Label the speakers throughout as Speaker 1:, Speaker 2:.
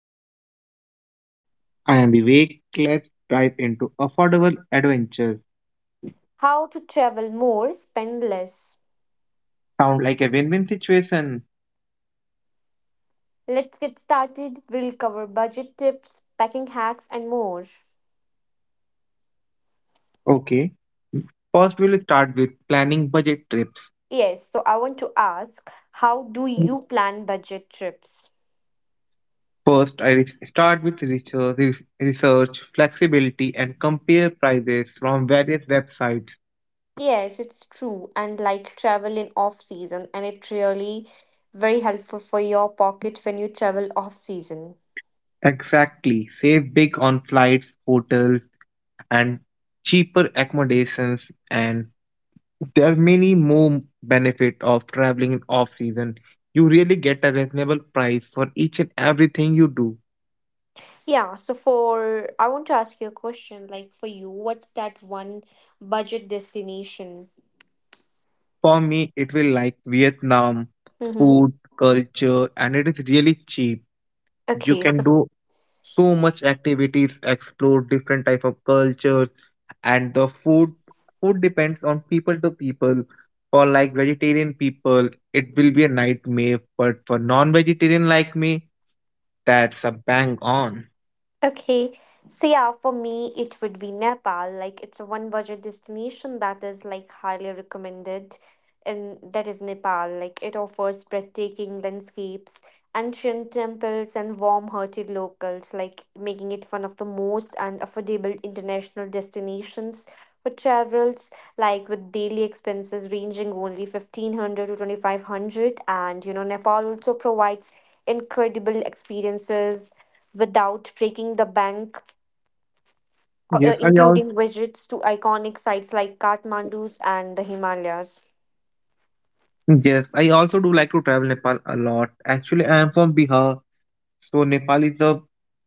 Speaker 1: Ananya.
Speaker 2: I am Vivek. Let's dive into affordable adventures.
Speaker 1: How to travel more, spend less.
Speaker 2: Sound like a win win situation.
Speaker 1: Let's get started. We'll cover budget tips, packing hacks, and more.
Speaker 2: Okay. First, we'll start with planning budget trips.
Speaker 1: Yes, so I want to ask how do you plan budget trips?
Speaker 2: First, start with research, research, flexibility, and compare prices from various websites.
Speaker 1: Yes, it's true. And like travel in off season, and it really very helpful for your pocket when you travel off season.
Speaker 2: Exactly. Save big on flights, hotels, and cheaper accommodations, and there are many more benefit of traveling in off season. You really get a reasonable price for each and everything you do.
Speaker 1: Yeah, so for I want to ask you a question like for you, what's that one budget destination?
Speaker 2: For me it will like Vietnam,
Speaker 1: Mm-hmm.
Speaker 2: food culture, and it is really cheap. You
Speaker 1: Okay,
Speaker 2: can
Speaker 1: so
Speaker 2: do so much activities, explore different type of cultures and the food depends on people to people. For like vegetarian people it will be a nightmare, but for non-vegetarian like me, that's a bang on.
Speaker 1: okay. So yeah, for me it would be Nepal. Like it's a one budget destination that is like highly recommended and that is Nepal. Like it offers breathtaking landscapes, ancient temples and warm-hearted locals, like making it one of the most and affordable international destinations for travelers, like with daily expenses ranging only 1500 to 2500. And you know, Nepal also provides incredible experiences without breaking the bank,
Speaker 2: yes i
Speaker 1: including visits to iconic sites like Kathmandu's and the Himalayas.
Speaker 2: Yes, I also do like to travel Nepal a lot. Actually, I am from Bihar, so Nepal is a,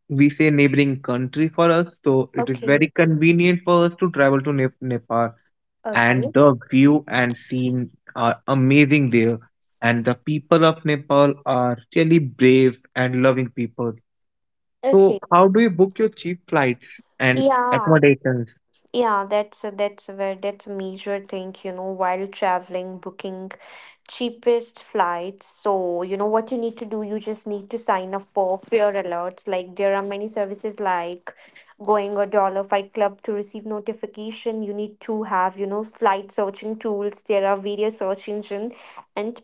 Speaker 2: we say, neighboring country for us, so it is
Speaker 1: Okay.
Speaker 2: very convenient for us to travel to Nepal. And
Speaker 1: Okay.
Speaker 2: the view and scene are amazing there. And the people of Nepal are really brave and loving people. So,
Speaker 1: Okay.
Speaker 2: how do you book your cheap flights and
Speaker 1: Yeah,
Speaker 2: accommodations?
Speaker 1: Yeah, that's a very that's a major thing, you know, while traveling, booking cheapest flights. So, you know what you need to do, you just need to sign up for fare alerts. Like there are many services like going a dollar fight club to receive notification. You need to have, you know, flight searching tools. There are various search engines, and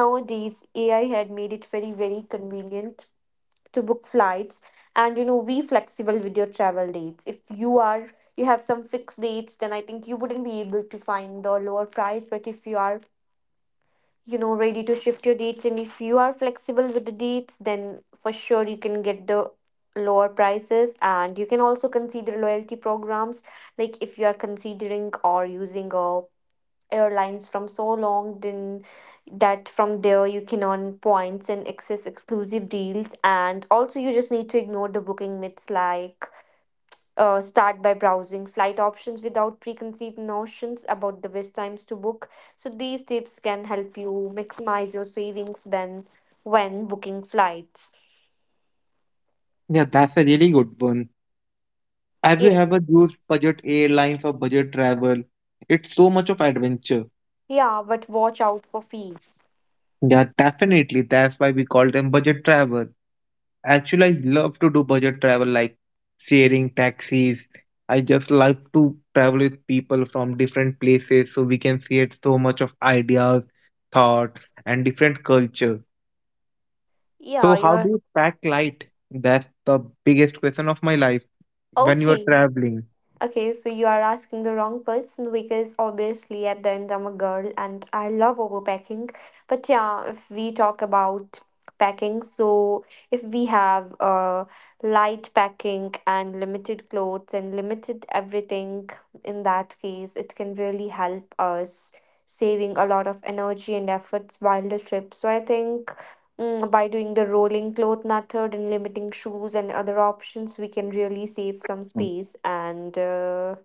Speaker 1: nowadays AI had made it very, very convenient to book flights and you know be flexible with your travel dates if you are you have some fixed dates then I think you wouldn't be able to find a lower price but if you are you know ready to shift your dates and if you are flexible with the dates then for sure you can get the lower prices and you can also consider loyalty programs like if you are considering or using a airlines from so long then that from there you can earn points and access exclusive deals and also you just need to ignore the booking myths like start by browsing flight options without preconceived notions about the best times to book so these tips can help you maximize your savings when booking flights
Speaker 2: Yeah, that's a really good one. Have you
Speaker 1: yes
Speaker 2: ever used budget airlines or budget travel? It's so much of adventure.
Speaker 1: yeah but watch out for fees
Speaker 2: Yeah, definitely. That's why we call them budget travel. Actually, I love to do budget travel like sharing taxis. I just love to travel with people from different places so we can see so much of ideas, thought, and different culture. So
Speaker 1: yeah
Speaker 2: how do
Speaker 1: you're
Speaker 2: you pack light? That's the biggest question of my life when you are
Speaker 1: okay.
Speaker 2: traveling.
Speaker 1: Okay, so you are asking the wrong person because obviously at the end I'm a girl and I love overpacking. But yeah, if we talk about packing, so if we have light packing and limited clothes and limited everything, in that case, it can really help us saving a lot of energy and efforts while the trip. So I think by doing the rolling cloth method and limiting shoes and other options, we can really save some space. And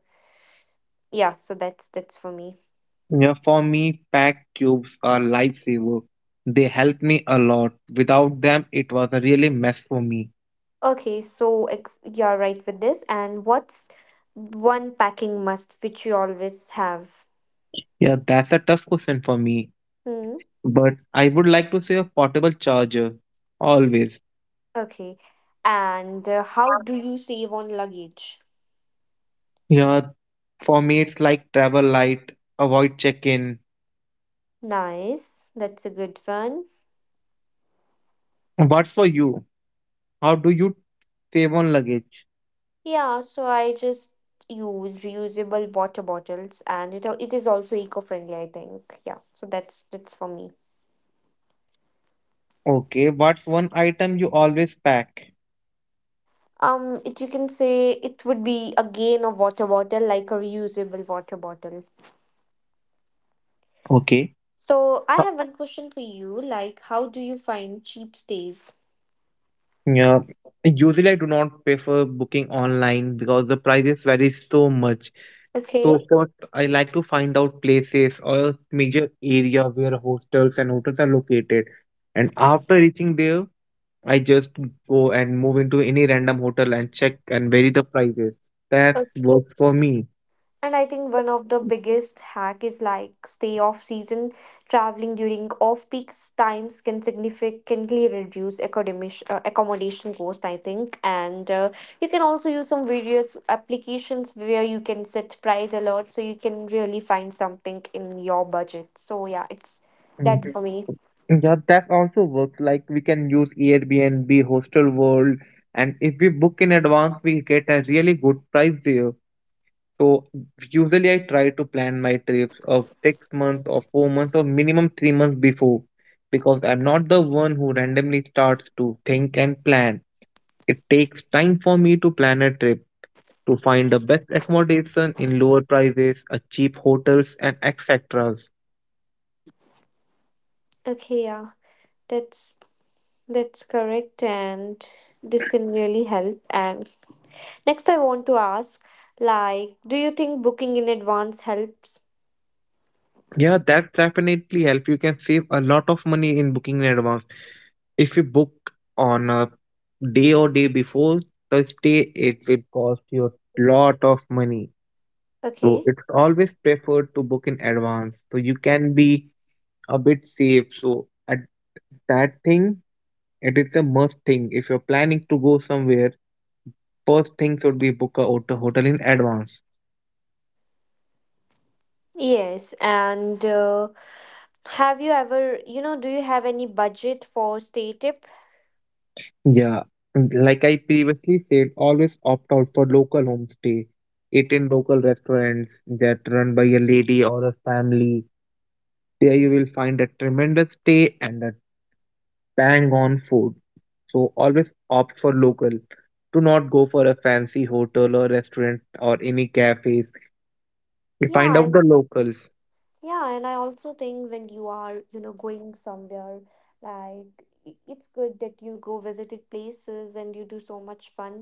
Speaker 1: yeah, so that's for me.
Speaker 2: Yeah, for me, pack cubes are lifesaver. They help me a lot. Without them, it was a really mess for me.
Speaker 1: Okay, so you're right with this. And what's one packing must which you always have?
Speaker 2: Yeah, that's a tough question for me,
Speaker 1: Hmm.
Speaker 2: but I would like to say a portable charger always.
Speaker 1: Okay. And how do you save on luggage?
Speaker 2: Yeah, for me, it's like travel light, avoid check-in.
Speaker 1: Nice. That's a good one.
Speaker 2: What's for you? How do you save on luggage?
Speaker 1: Yeah, so I just use reusable water bottles and it is also eco-friendly, I think. Yeah. So that's for me.
Speaker 2: Okay, what's one item you always pack?
Speaker 1: It you can say it would be again a water bottle, like a reusable water bottle.
Speaker 2: Okay.
Speaker 1: So I have one question for you, like how do you find cheap stays?
Speaker 2: Yeah, usually I do not prefer booking online because the prices vary so much.
Speaker 1: Okay.
Speaker 2: So first, I like to find out places or major area where hostels and hotels are located. And after reaching there, I just go and move into any random hotel and check and vary the prices. That works for me.
Speaker 1: And I think one of the biggest hack is like stay off season. Traveling during off peak times can significantly reduce academic accommodation cost, I think. And you can also use some various applications where you can set price alert, so you can really find something in your budget. So yeah, it's that
Speaker 2: Mm.
Speaker 1: for me.
Speaker 2: Yeah, that also works. Like we can use Airbnb, Hostel World, and if we book in advance, we get a really good price there. So usually I try to plan my trips of 6 months or 4 months or minimum 3 months before because I'm not the one who randomly starts to think and plan. It takes time for me to plan a trip, to find the best accommodation in lower prices, a cheap hotels and etc.
Speaker 1: Okay, yeah, that's that's correct, and this can really help and next, I want to ask, like, do you think booking in advance helps?
Speaker 2: Yeah, that's definitely help. You can save a lot of money in booking in advance. If you book on a day or day before the stay, it will cost you a lot of money. So
Speaker 1: Okay.
Speaker 2: it's always preferred to book in advance so you can be a bit safe. So at that thing, it is a must thing. If you're planning to go somewhere, first thing should be book a hotel in advance.
Speaker 1: Yes, and have you ever, you know, do you have any budget for stay tip?
Speaker 2: Yeah, and like I previously said, always opt out for local homestay. Eat in local restaurants that run by a lady or a family. There you will find a tremendous stay and a bang on food. So always opt for local. Do not go for a fancy hotel or restaurant or any cafes. You find
Speaker 1: Yeah,
Speaker 2: out the locals.
Speaker 1: Yeah, and I also think when you are, you know, going somewhere, like it's good that you go visited places and you do so much fun.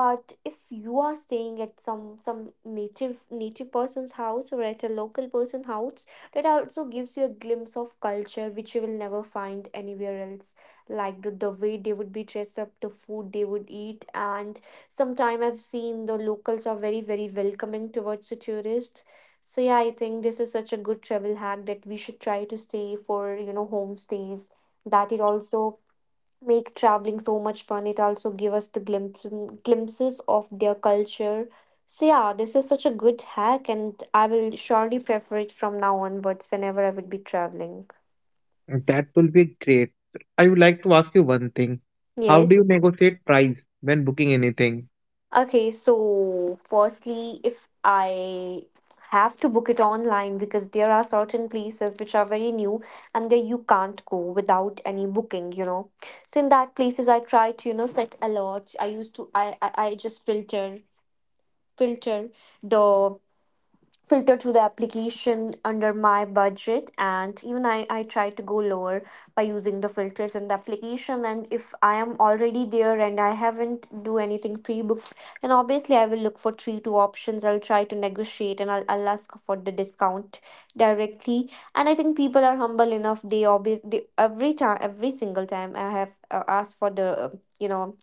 Speaker 1: But if you are staying at some native person's house or at a local person house, that also gives you a glimpse of culture which you will never find anywhere else. Like the way they would be dressed up, the food they would eat, and sometime I've seen the locals are very, very welcoming towards the tourists so yeah, I think this is such a good travel hack that we should try to stay for, you know, homestays. That it also make traveling so much fun. It also give us the glimpses of their culture. So yeah, this is such a good hack and I will surely prefer it from now onwards whenever I would be traveling.
Speaker 2: That will be great. I would like to ask you one thing. How do you
Speaker 1: Yes.
Speaker 2: negotiate price when booking anything?
Speaker 1: Okay, so firstly, if I have to book it online because there are certain places which are very new and there you can't go without any booking, you know. So in that places I try to, you know, set alerts. I used to I just filter filter the filter through the application under my budget and even I try to go lower by using the filters in the application and if I am already there and I haven't do anything pre-booked then obviously I will look for 3, 2 options I'll try to negotiate and I'll ask for the discount directly and I think people are humble enough every time every single time I have asked for the you know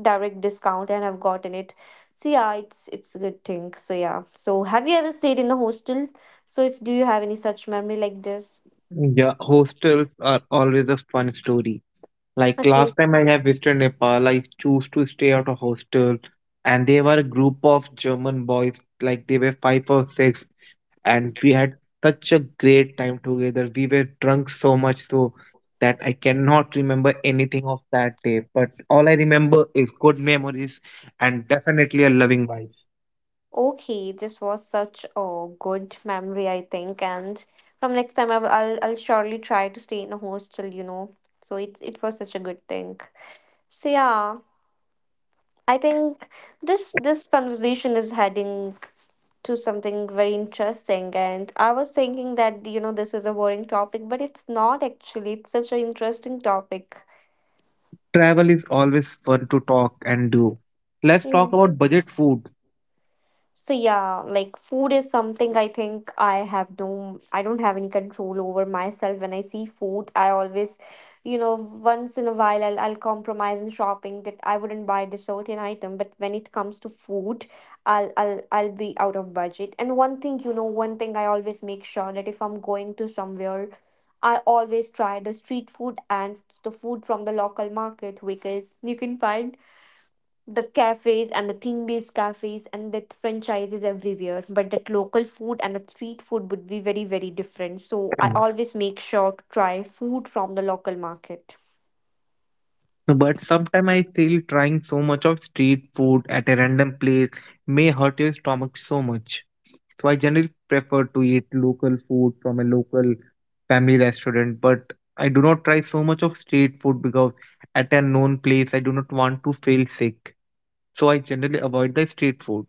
Speaker 1: direct discount and I've gotten it. So yeah, it's a good thing. So yeah. So have you ever stayed in a hostel? So if do you have any such memory like this?
Speaker 2: Yeah, hostels are always a fun story. Like
Speaker 1: Okay.
Speaker 2: last time I have visited Nepal, I chose to stay at a hostel, and they were a group of German boys, like they were five or six. And we had such a great time together. We were drunk so much so that I cannot remember anything of that day. But all I remember is good memories and definitely a loving wife.
Speaker 1: Okay, this was such a good memory, I think. And from next time, I'll surely try to stay in a hostel. You know, so it was such a good thing. So yeah, I think this conversation is heading to something very interesting and I was thinking that you know this is a boring topic but it's not actually it's such an interesting topic
Speaker 2: Travel is always fun to talk and do. Let's
Speaker 1: yeah.
Speaker 2: talk about budget food.
Speaker 1: So yeah, like food is something I think I have no, I don't have any control over myself. When I see food, I always, you know, once in a while I'll compromise in shopping that I wouldn't buy this certain item. But when it comes to food, I'll be out of budget. And one thing, you know, one thing I always make sure that if I'm going to somewhere, I always try the street food and the food from the local market because you can find the cafes and the theme based cafes and that franchises everywhere but that local food and the street food would be very very different so I always make sure to try food from the local market
Speaker 2: But sometimes I feel trying so much of street food at a random place may hurt your stomach so much. So I generally prefer to eat local food from a local family restaurant, but I do not try so much of street food because at a known place I do not want to feel sick. So I generally avoid the street food.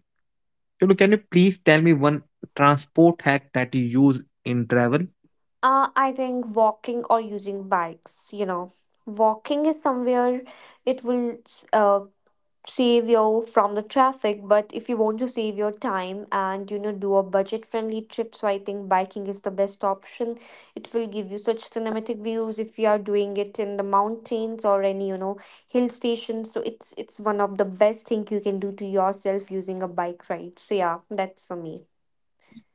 Speaker 2: So can you please tell me one transport hack that you use in travel?
Speaker 1: I think walking or using bikes you know walking is somewhere it will uh, save you from the traffic but if you want to save your time and you know do a budget friendly trip so I think biking is the best option it will give you such cinematic views if you are doing it in the mountains or any you know hill station so it's one of the best thing you can do to yourself using a bike ride so yeah that's for me.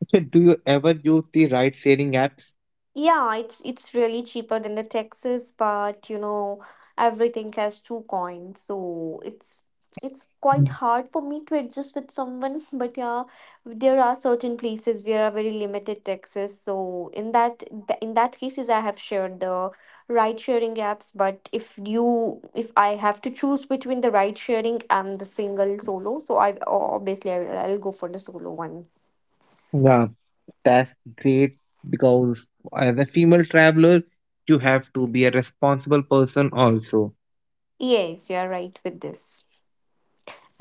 Speaker 2: Okay, do you ever use the ride sharing apps?
Speaker 1: Yeah, it's really cheaper than the taxes, but you know, everything has two coins, so it's quite
Speaker 2: Mm.
Speaker 1: hard for me to adjust with someone. But yeah, there are certain places where are very limited taxes, so in in that cases, I have shared the ride sharing apps. But if I have to choose between the ride sharing and the single solo, so I obviously I'll go for the solo one.
Speaker 2: Yeah, that's great because as a female traveler, you have to be a responsible person also.
Speaker 1: Yes, you are right with this,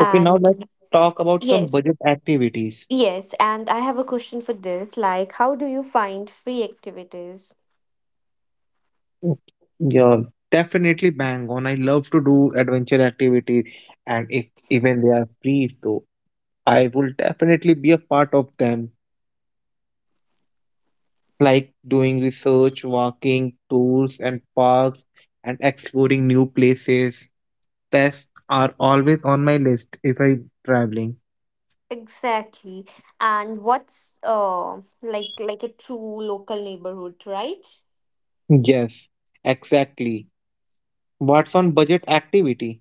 Speaker 2: Okay, now let's talk about some
Speaker 1: yes.
Speaker 2: budget activities.
Speaker 1: Yes, and I have a question for this. Like, how do you find free activities?
Speaker 2: Mm, yeah, definitely bang on. I love to do adventure activities, and if even they are free, so I will definitely be a part of them, like doing research, walking tours and parks, and exploring new places. Tests are always on my list if I'm traveling.
Speaker 1: Exactly. And what's like a true local neighborhood, right?
Speaker 2: Yes, exactly. What's on budget activity?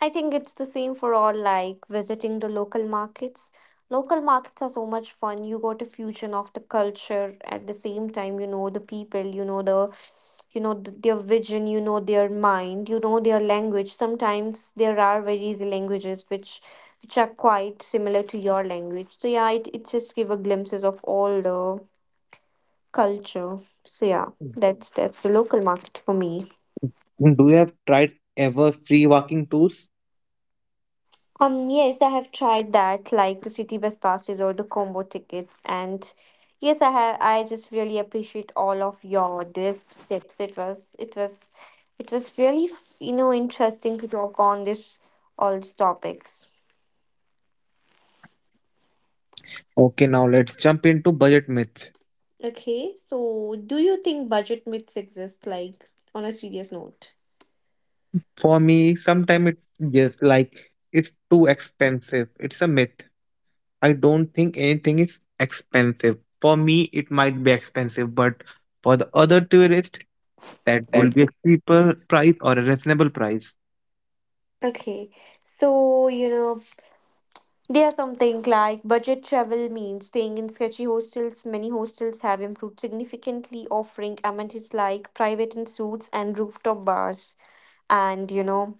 Speaker 1: I think it's the same for all like visiting the local markets. Local markets are so much fun. You got a fusion of the culture at the same time, you know the people, their vision you know their mind you know their language sometimes there are very easy languages which are quite similar to your language so yeah it just give a glimpses of all the culture so yeah that's the local market for me.
Speaker 2: Mm. Do you have tried ever free walking tours?
Speaker 1: Yes, I have tried that, like the city bus passes or the combo tickets. And yes, I have, I just really appreciate all of your this tips. It was really, you know, interesting to talk on this all these topics.
Speaker 2: Okay, now let's jump into budget myths.
Speaker 1: Okay, so do you think budget myths exist, like on a serious note?
Speaker 2: For me, sometimes it just like it's too expensive. It's a myth. I don't think anything is expensive. For me, it might be expensive, but for the other tourist, that will be a cheaper price or a reasonable price.
Speaker 1: Okay, so they are something like budget travel means staying in sketchy hostels. Many hostels have improved significantly, offering amenities like private and suites and rooftop bars. And you know,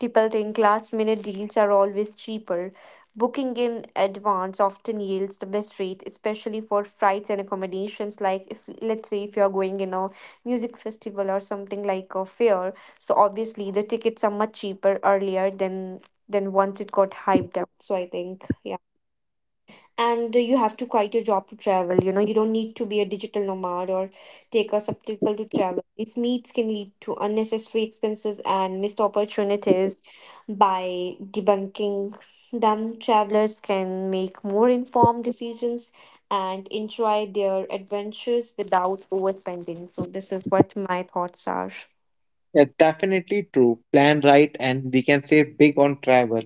Speaker 1: People think last minute deals are always cheaper. Booking in advance often yields the best rate, especially for flights and accommodations. Like, if let's say if you're going in a music festival or something like a fair, so obviously the tickets are much cheaper earlier than once it got hyped up. So I think, yeah, and you have to quit your job to travel, you don't need to be a digital nomad or take a sabbatical to travel. These needs can lead to unnecessary expenses and missed opportunities. By debunking them, travelers can make more informed decisions and enjoy their adventures without overspending. So this is what my thoughts are.
Speaker 2: Yeah, definitely true. Plan right, and we can save big on travel.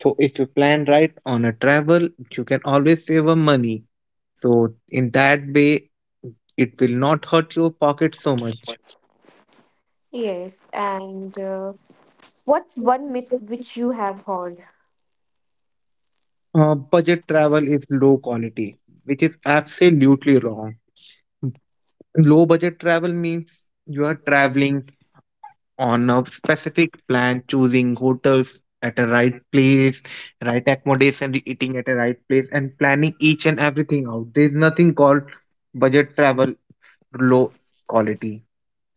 Speaker 2: So if you plan right on a travel, you can always save a money. So in that way, it will not hurt your pocket so much.
Speaker 1: Yes, and what's one myth which you have heard?
Speaker 2: Budget travel is low quality, which is absolutely wrong. Low budget travel means you are traveling on a specific plan, choosing hotels at a right place, right accommodation, eating at a right place, and planning each and everything out. There is nothing called budget travel low quality.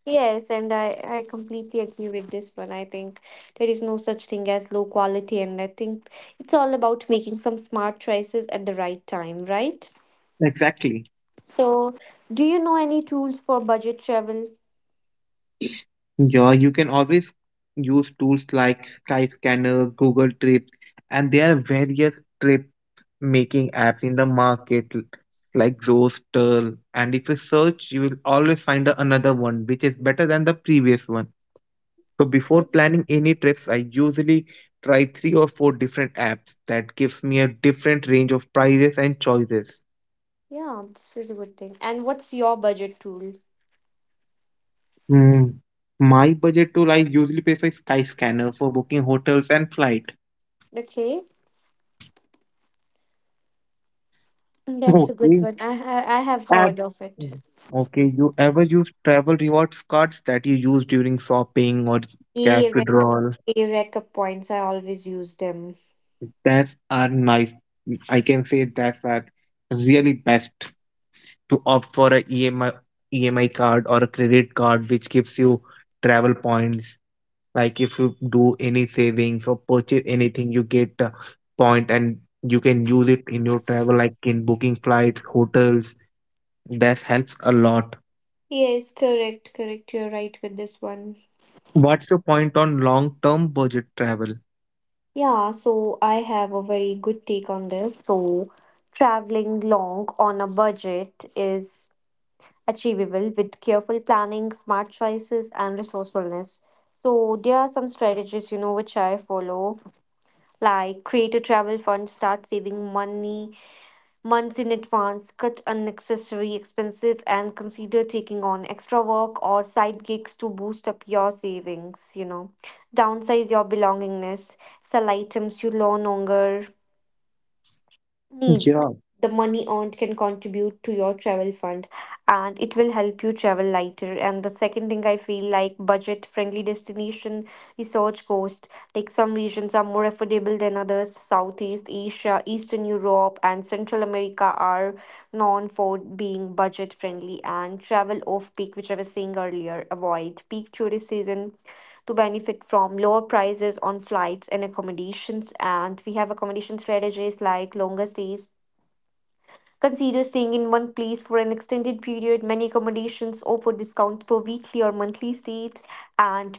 Speaker 1: Yes, and I completely agree with this one. I think there is no such thing as low quality, and I think it's all about making some smart choices at the right time, right?
Speaker 2: Exactly.
Speaker 1: So, do you know any tools for budget travel?
Speaker 2: Yeah, you can always use tools like Skyscanner, Google Trips, and there are various trip making apps in the market like Zoostel. And if you search, you will always find another one which is better than the previous one. So before
Speaker 1: Mm,
Speaker 2: planning any trips, I usually try three or four different apps that gives me a different range of prices and choices.
Speaker 1: Yeah, this is a good thing. And what's your budget tool?
Speaker 2: Hmm. My budget tool, I usually prefer Skyscanner for booking hotels and flight.
Speaker 1: Okay, that's a good
Speaker 2: Okay.
Speaker 1: one. I have
Speaker 2: Add-
Speaker 1: heard of it.
Speaker 2: Okay, you ever use travel rewards cards that you use during shopping or cash
Speaker 1: E-Rec,
Speaker 2: withdrawal?
Speaker 1: E-Rec points. I always use them.
Speaker 2: That's are nice. I can say that's are really best to opt for a EMI card or a credit card which gives you travel points. Like if you do any savings or purchase anything, you get a point and you can use it in your travel, like in booking flights, hotels. That helps a lot.
Speaker 1: Yes, correct, correct. You're right with this one.
Speaker 2: What's your point on long term budget travel?
Speaker 1: Yeah, so I have a very good take on this. So, traveling long on a budget is achievable with careful planning, smart choices, and resourcefulness. So, there are some strategies, you know, which I follow, like create a travel fund, start saving money months in advance, cut unnecessary expenses, and consider taking on extra work or side gigs to boost up your savings. You know, downsize your belongingness, sell items you no longer need.
Speaker 2: Yeah,
Speaker 1: The money earned can contribute to your travel fund, and it will help you travel lighter. And the second thing, I feel like budget friendly destination, research cost, like some regions are more affordable than others. Southeast Asia, Eastern Europe and Central America are known for being budget friendly. And travel off peak, which I was saying earlier, avoid peak tourist season to benefit from lower prices on flights and accommodations. And we have accommodation strategies like longer stays. Consider staying in one place for an extended period. Many accommodations offer discounts for weekly or monthly stays, and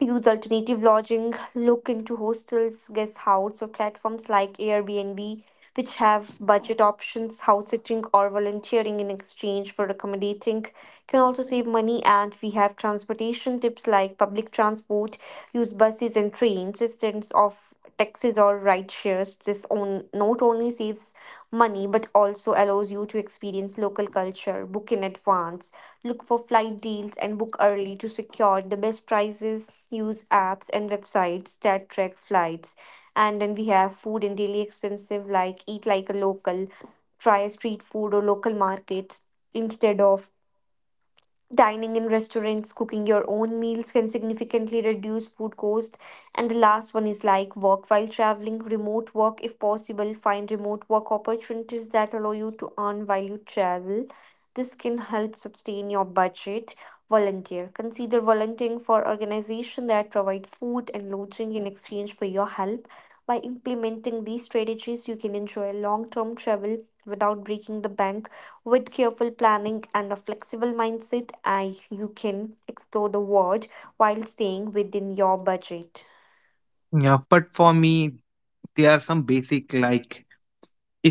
Speaker 1: use alternative lodging, look into hostels, guest house, or platforms like Airbnb, which have budget options, house sitting, or volunteering in exchange for accommodating. Can also save money, and we have transportation tips like public transport, use buses and trains instead of taxis or ride shares. This on, not only saves money but also allows you to experience local culture. Book in advance, look for flight deals and book early to secure the best prices. Use apps and websites that track flights. And then we have food and daily expensive, like eat like a local, try street food or local markets instead of dining in restaurants. Cooking your own meals can significantly reduce food costs. And the last one is like work while traveling, remote work if possible. Find remote work opportunities that allow you to earn while you travel. This can help sustain your budget. Volunteer. Consider volunteering for organizations that provide food and lodging in exchange for your help. By implementing these strategies, you can enjoy long term travel without breaking the bank. With careful planning and a flexible mindset, you can explore the world while staying within your budget.
Speaker 2: yeah, but for me, there are some basic like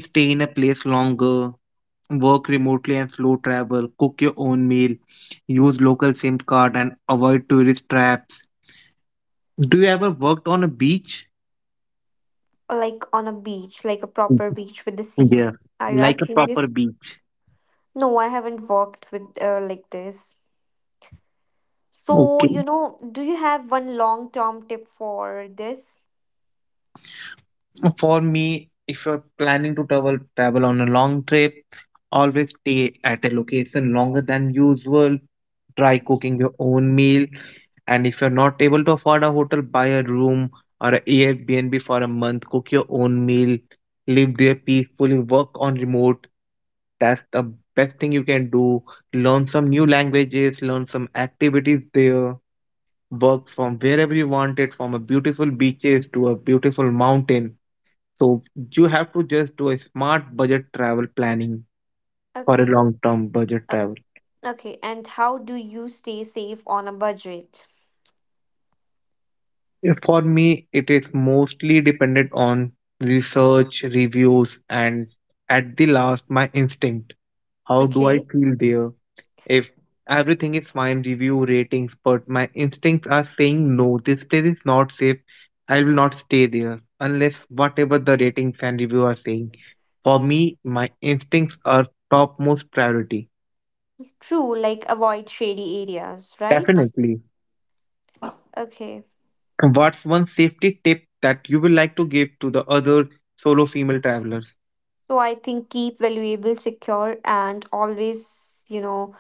Speaker 2: stay in a place longer, work remotely and slow travel, cook your own meal, use local SIM card and avoid tourist traps. Do you ever worked on a beach?
Speaker 1: Like on a beach, like a proper
Speaker 2: Mhm.
Speaker 1: beach with the sea.
Speaker 2: Yeah.
Speaker 1: Are you
Speaker 2: Like a
Speaker 1: asking
Speaker 2: proper
Speaker 1: this?
Speaker 2: beach?
Speaker 1: No, I haven't worked with like this. So, you
Speaker 2: Okay.
Speaker 1: know, do you have one long term tip for this?
Speaker 2: For me, if you're planning to travel on a long trip, always stay at a location longer than usual. Try cooking your own meal, and if you're not able to afford a hotel, buy a room or a Airbnb for a month. Cook your own meal, live there peacefully, work on remote. That's the best thing you can do. Learn some new languages, learn some activities there. Work from wherever you want it, from a beautiful beaches to a beautiful mountain, so you have to just do a smart budget travel planning for a
Speaker 1: Okay.
Speaker 2: long term budget
Speaker 1: Uh,
Speaker 2: travel.
Speaker 1: okay. And how do you stay safe on a budget?
Speaker 2: Yeah, for me, it is mostly dependent on research, reviews, and at the last, my instinct. How do I
Speaker 1: Okay.
Speaker 2: feel there? If everything is fine, review ratings, but my instincts are saying no, this place is not safe. I will not stay there unless whatever the ratings and review are saying. For me, my instincts are topmost priority.
Speaker 1: True, like avoid shady areas, right?
Speaker 2: Definitely.
Speaker 1: Okay.
Speaker 2: What's one safety tip that you would like to give to the other solo female travelers?
Speaker 1: So I think keep valuable secure and always, you know,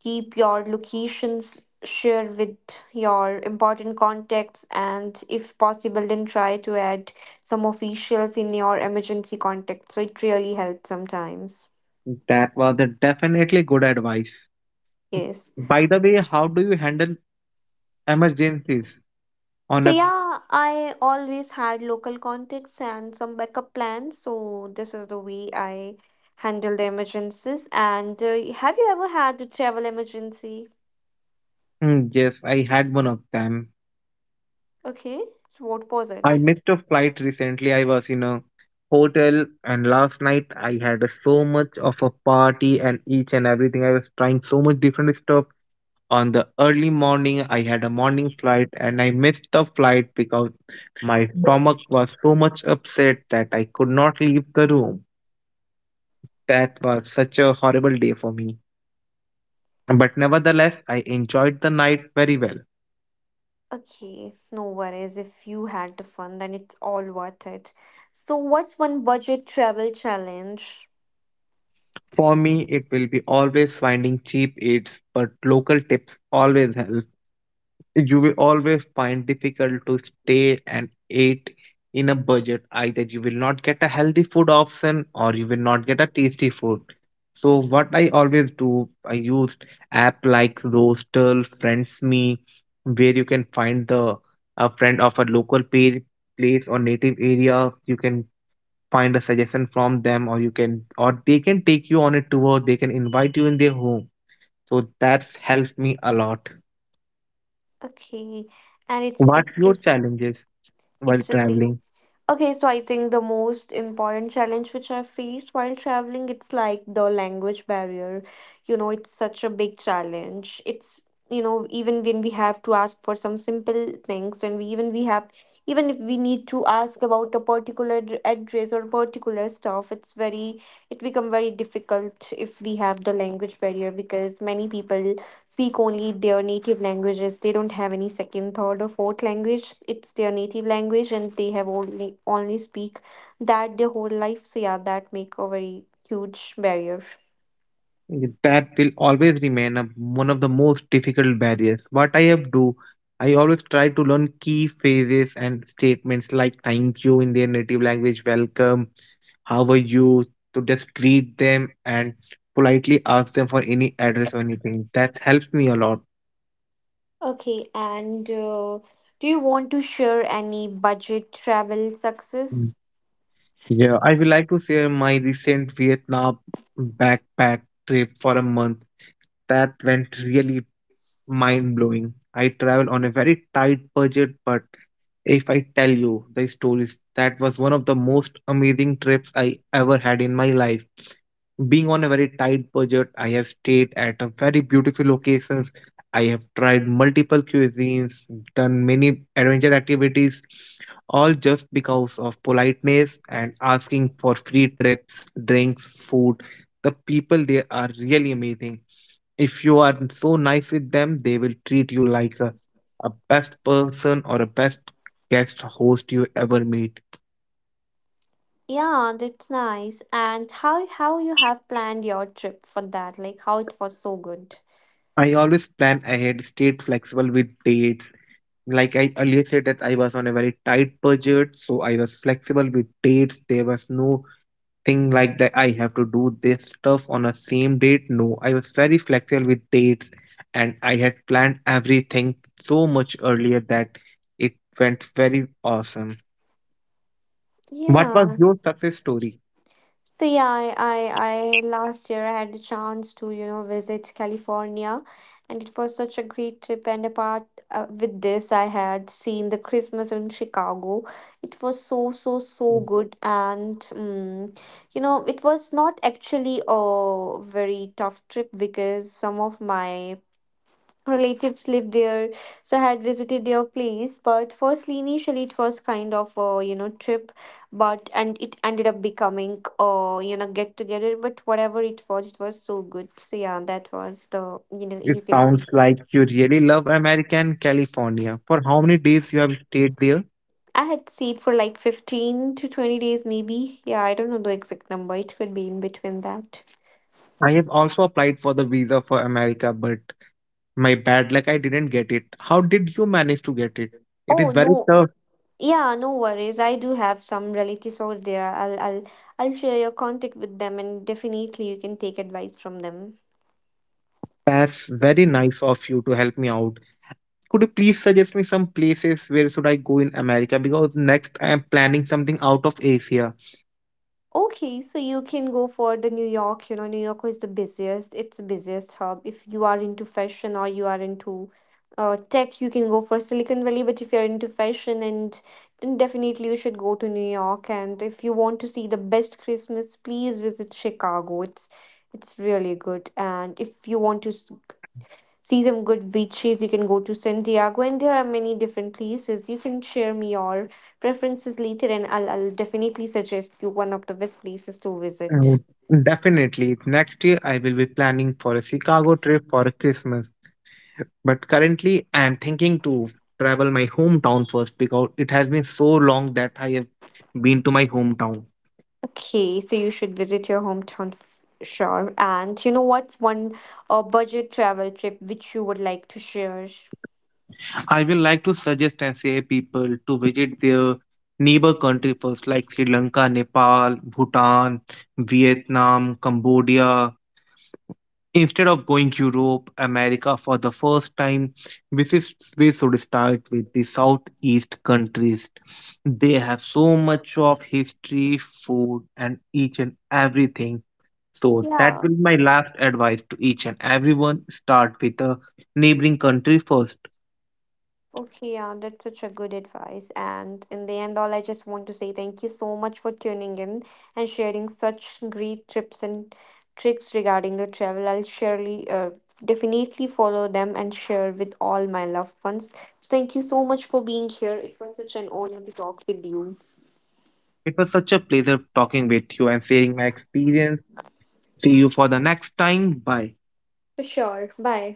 Speaker 1: keep your locations share with your important contacts, and if possible then try to add some officials in your emergency contact. So it really helps sometimes.
Speaker 2: That was a definitely good advice.
Speaker 1: Yes.
Speaker 2: By the way, how do you handle emergencies on
Speaker 1: So
Speaker 2: a—
Speaker 1: yeah, I always had local contacts and some backup plans. So this is the way I handle the emergencies. And have you ever had a travel emergency?
Speaker 2: Hmm, yes, I had one of them.
Speaker 1: Okay. So what was
Speaker 2: I
Speaker 1: it?
Speaker 2: missed a flight recently. I was in a hotel and last night I had a, so much of a party and each and everything. I was trying so much different stuff. On the early morning, I had a morning flight and I missed the flight because my stomach was so much upset that I could not leave the room. That was such a horrible day for me, but nevertheless I enjoyed the night very well.
Speaker 1: Okay, no worries. If you had the fun, then it's all worth it. So what's one budget travel challenge?
Speaker 2: For me, it will be always finding cheap eats, but local tips always help. You will always find difficult to stay and eat in a budget. Either you will not get a healthy food option, or you will not get a tasty food. So what I always do, I use app like Roastel Friends Me, where you can find the a friend of a local page, place or native area. You can find a suggestion from them, or you can or they can take you on a tour, they can invite you in their home. So that's helps me a lot.
Speaker 1: Okay, and it's
Speaker 2: What's
Speaker 1: it's
Speaker 2: your
Speaker 1: just
Speaker 2: challenges while
Speaker 1: it's a say
Speaker 2: traveling?
Speaker 1: okay, so I think the most important challenge which I face while traveling, it's like the language barrier. You know, it's such a big challenge. It's, you know, even when we have to ask for some simple things, and we even we have, even if we need to ask about a particular address or particular stuff, it's very it become very difficult if we have the language barrier, because many people speak only their native languages. They don't have any second, third, or fourth language. It's their native language, and they have only speak that their whole life. So yeah, that make a very huge barrier.
Speaker 2: That will always remain one of the most difficult barriers. What I have do, I always try to learn key phrases and statements like thank you in their native language, welcome, how are you, to just greet them and politely ask them for any address or anything. That helps me a lot.
Speaker 1: Okay, and do you want to share any budget travel success?
Speaker 2: Mm. Yeah, I would like to share my recent Vietnam backpack trip for a month that went really mind-blowing. I travel on a very tight budget, but if I tell you the stories, that was one of the most amazing trips I ever had in my life. Being on a very tight budget, I have stayed at a very beautiful locations. I have tried multiple cuisines, done many adventure activities, all just because of politeness and asking for free trips, drinks, food. The people there are really amazing. If you are so nice with them, they will treat you like a best person or a best guest host you ever meet.
Speaker 1: Yeah, that's nice. And how you have planned your trip for that? Like how it was so good.
Speaker 2: I always plan ahead, stayed flexible with dates. Like I earlier said that I was on a very tight budget, so I was flexible with dates. There was no thing like that I have to do this stuff on a same date. No, I was very flexible with dates, and I had planned everything so much earlier that it went very awesome. What was
Speaker 1: Yeah,
Speaker 2: your success story?
Speaker 1: so yeah, I last year I had the chance to, you know, visit California, and it was such a great trip. And apart with this, I had seen the Christmas in Chicago. It was so so so good, and you know, it was not actually a very tough trip because some of my relatives lived there, so I had visited their place. But firstly, initially, it was kind of a, you know, trip, but and it ended up becoming, you know, get together. But whatever it was, it was so good. So yeah, that was the, you know, you
Speaker 2: It
Speaker 1: can see.
Speaker 2: sounds like you really love American California. For how many days you have stayed there?
Speaker 1: I had stayed for like 15 to 20 days maybe. Yeah, I don't know the exact number, it could be in between that.
Speaker 2: I have also applied for the visa for America, but my bad luck, I didn't get it. How did you manage to get it? It
Speaker 1: Oh
Speaker 2: is
Speaker 1: no,
Speaker 2: very tough.
Speaker 1: yeah, no worries. I do have some relatives over there. I'll share your contact with them, and definitely you can take advice from them.
Speaker 2: That's very nice of you to help me out. Could you please suggest me some places where should I go in America? Because next I am planning something out of Asia.
Speaker 1: Okay, so you can go for the New York. You know, New York is the busiest. It's the busiest hub. If you are into fashion or you are into tech, you can go for Silicon Valley. But if you're into fashion, and then definitely you should go to New York. And if you want to see the best Christmas, please visit Chicago. It's really good. And if you want to see some good beaches, you can go to Santiago. And there are many different places. You can share me your preferences later, and I'll definitely suggest you one of the best places to visit.
Speaker 2: Oh, definitely. Next year I will be planning for a Chicago trip for Christmas. But currently, I'm thinking to travel my hometown first, because it has been so long that I have been to my hometown.
Speaker 1: Okay, so you should visit your hometown. Sure. And you know, what's one budget travel trip which you would like to share?
Speaker 2: I will like to suggest and say people to visit their neighbor country first, like Sri Lanka, Nepal, Bhutan, Vietnam, Cambodia. Instead of going Europe, America for the first time, this is we should start with the Southeast countries. They have so much of history, food, and each and everything. So that
Speaker 1: Yeah.
Speaker 2: will be my last advice to each and everyone. Start with a neighboring country first.
Speaker 1: Okay, yeah, that's such a good advice. And in the end, all I just want to say thank you so much for tuning in and sharing such great tips and tricks regarding the travel. I'll surely, definitely follow them and share with all my loved ones. So thank you so much for being here. It was such an honor to talk with you.
Speaker 2: It was such a pleasure talking with you and sharing my experience. See you for the next time. Bye.
Speaker 1: For sure. Bye.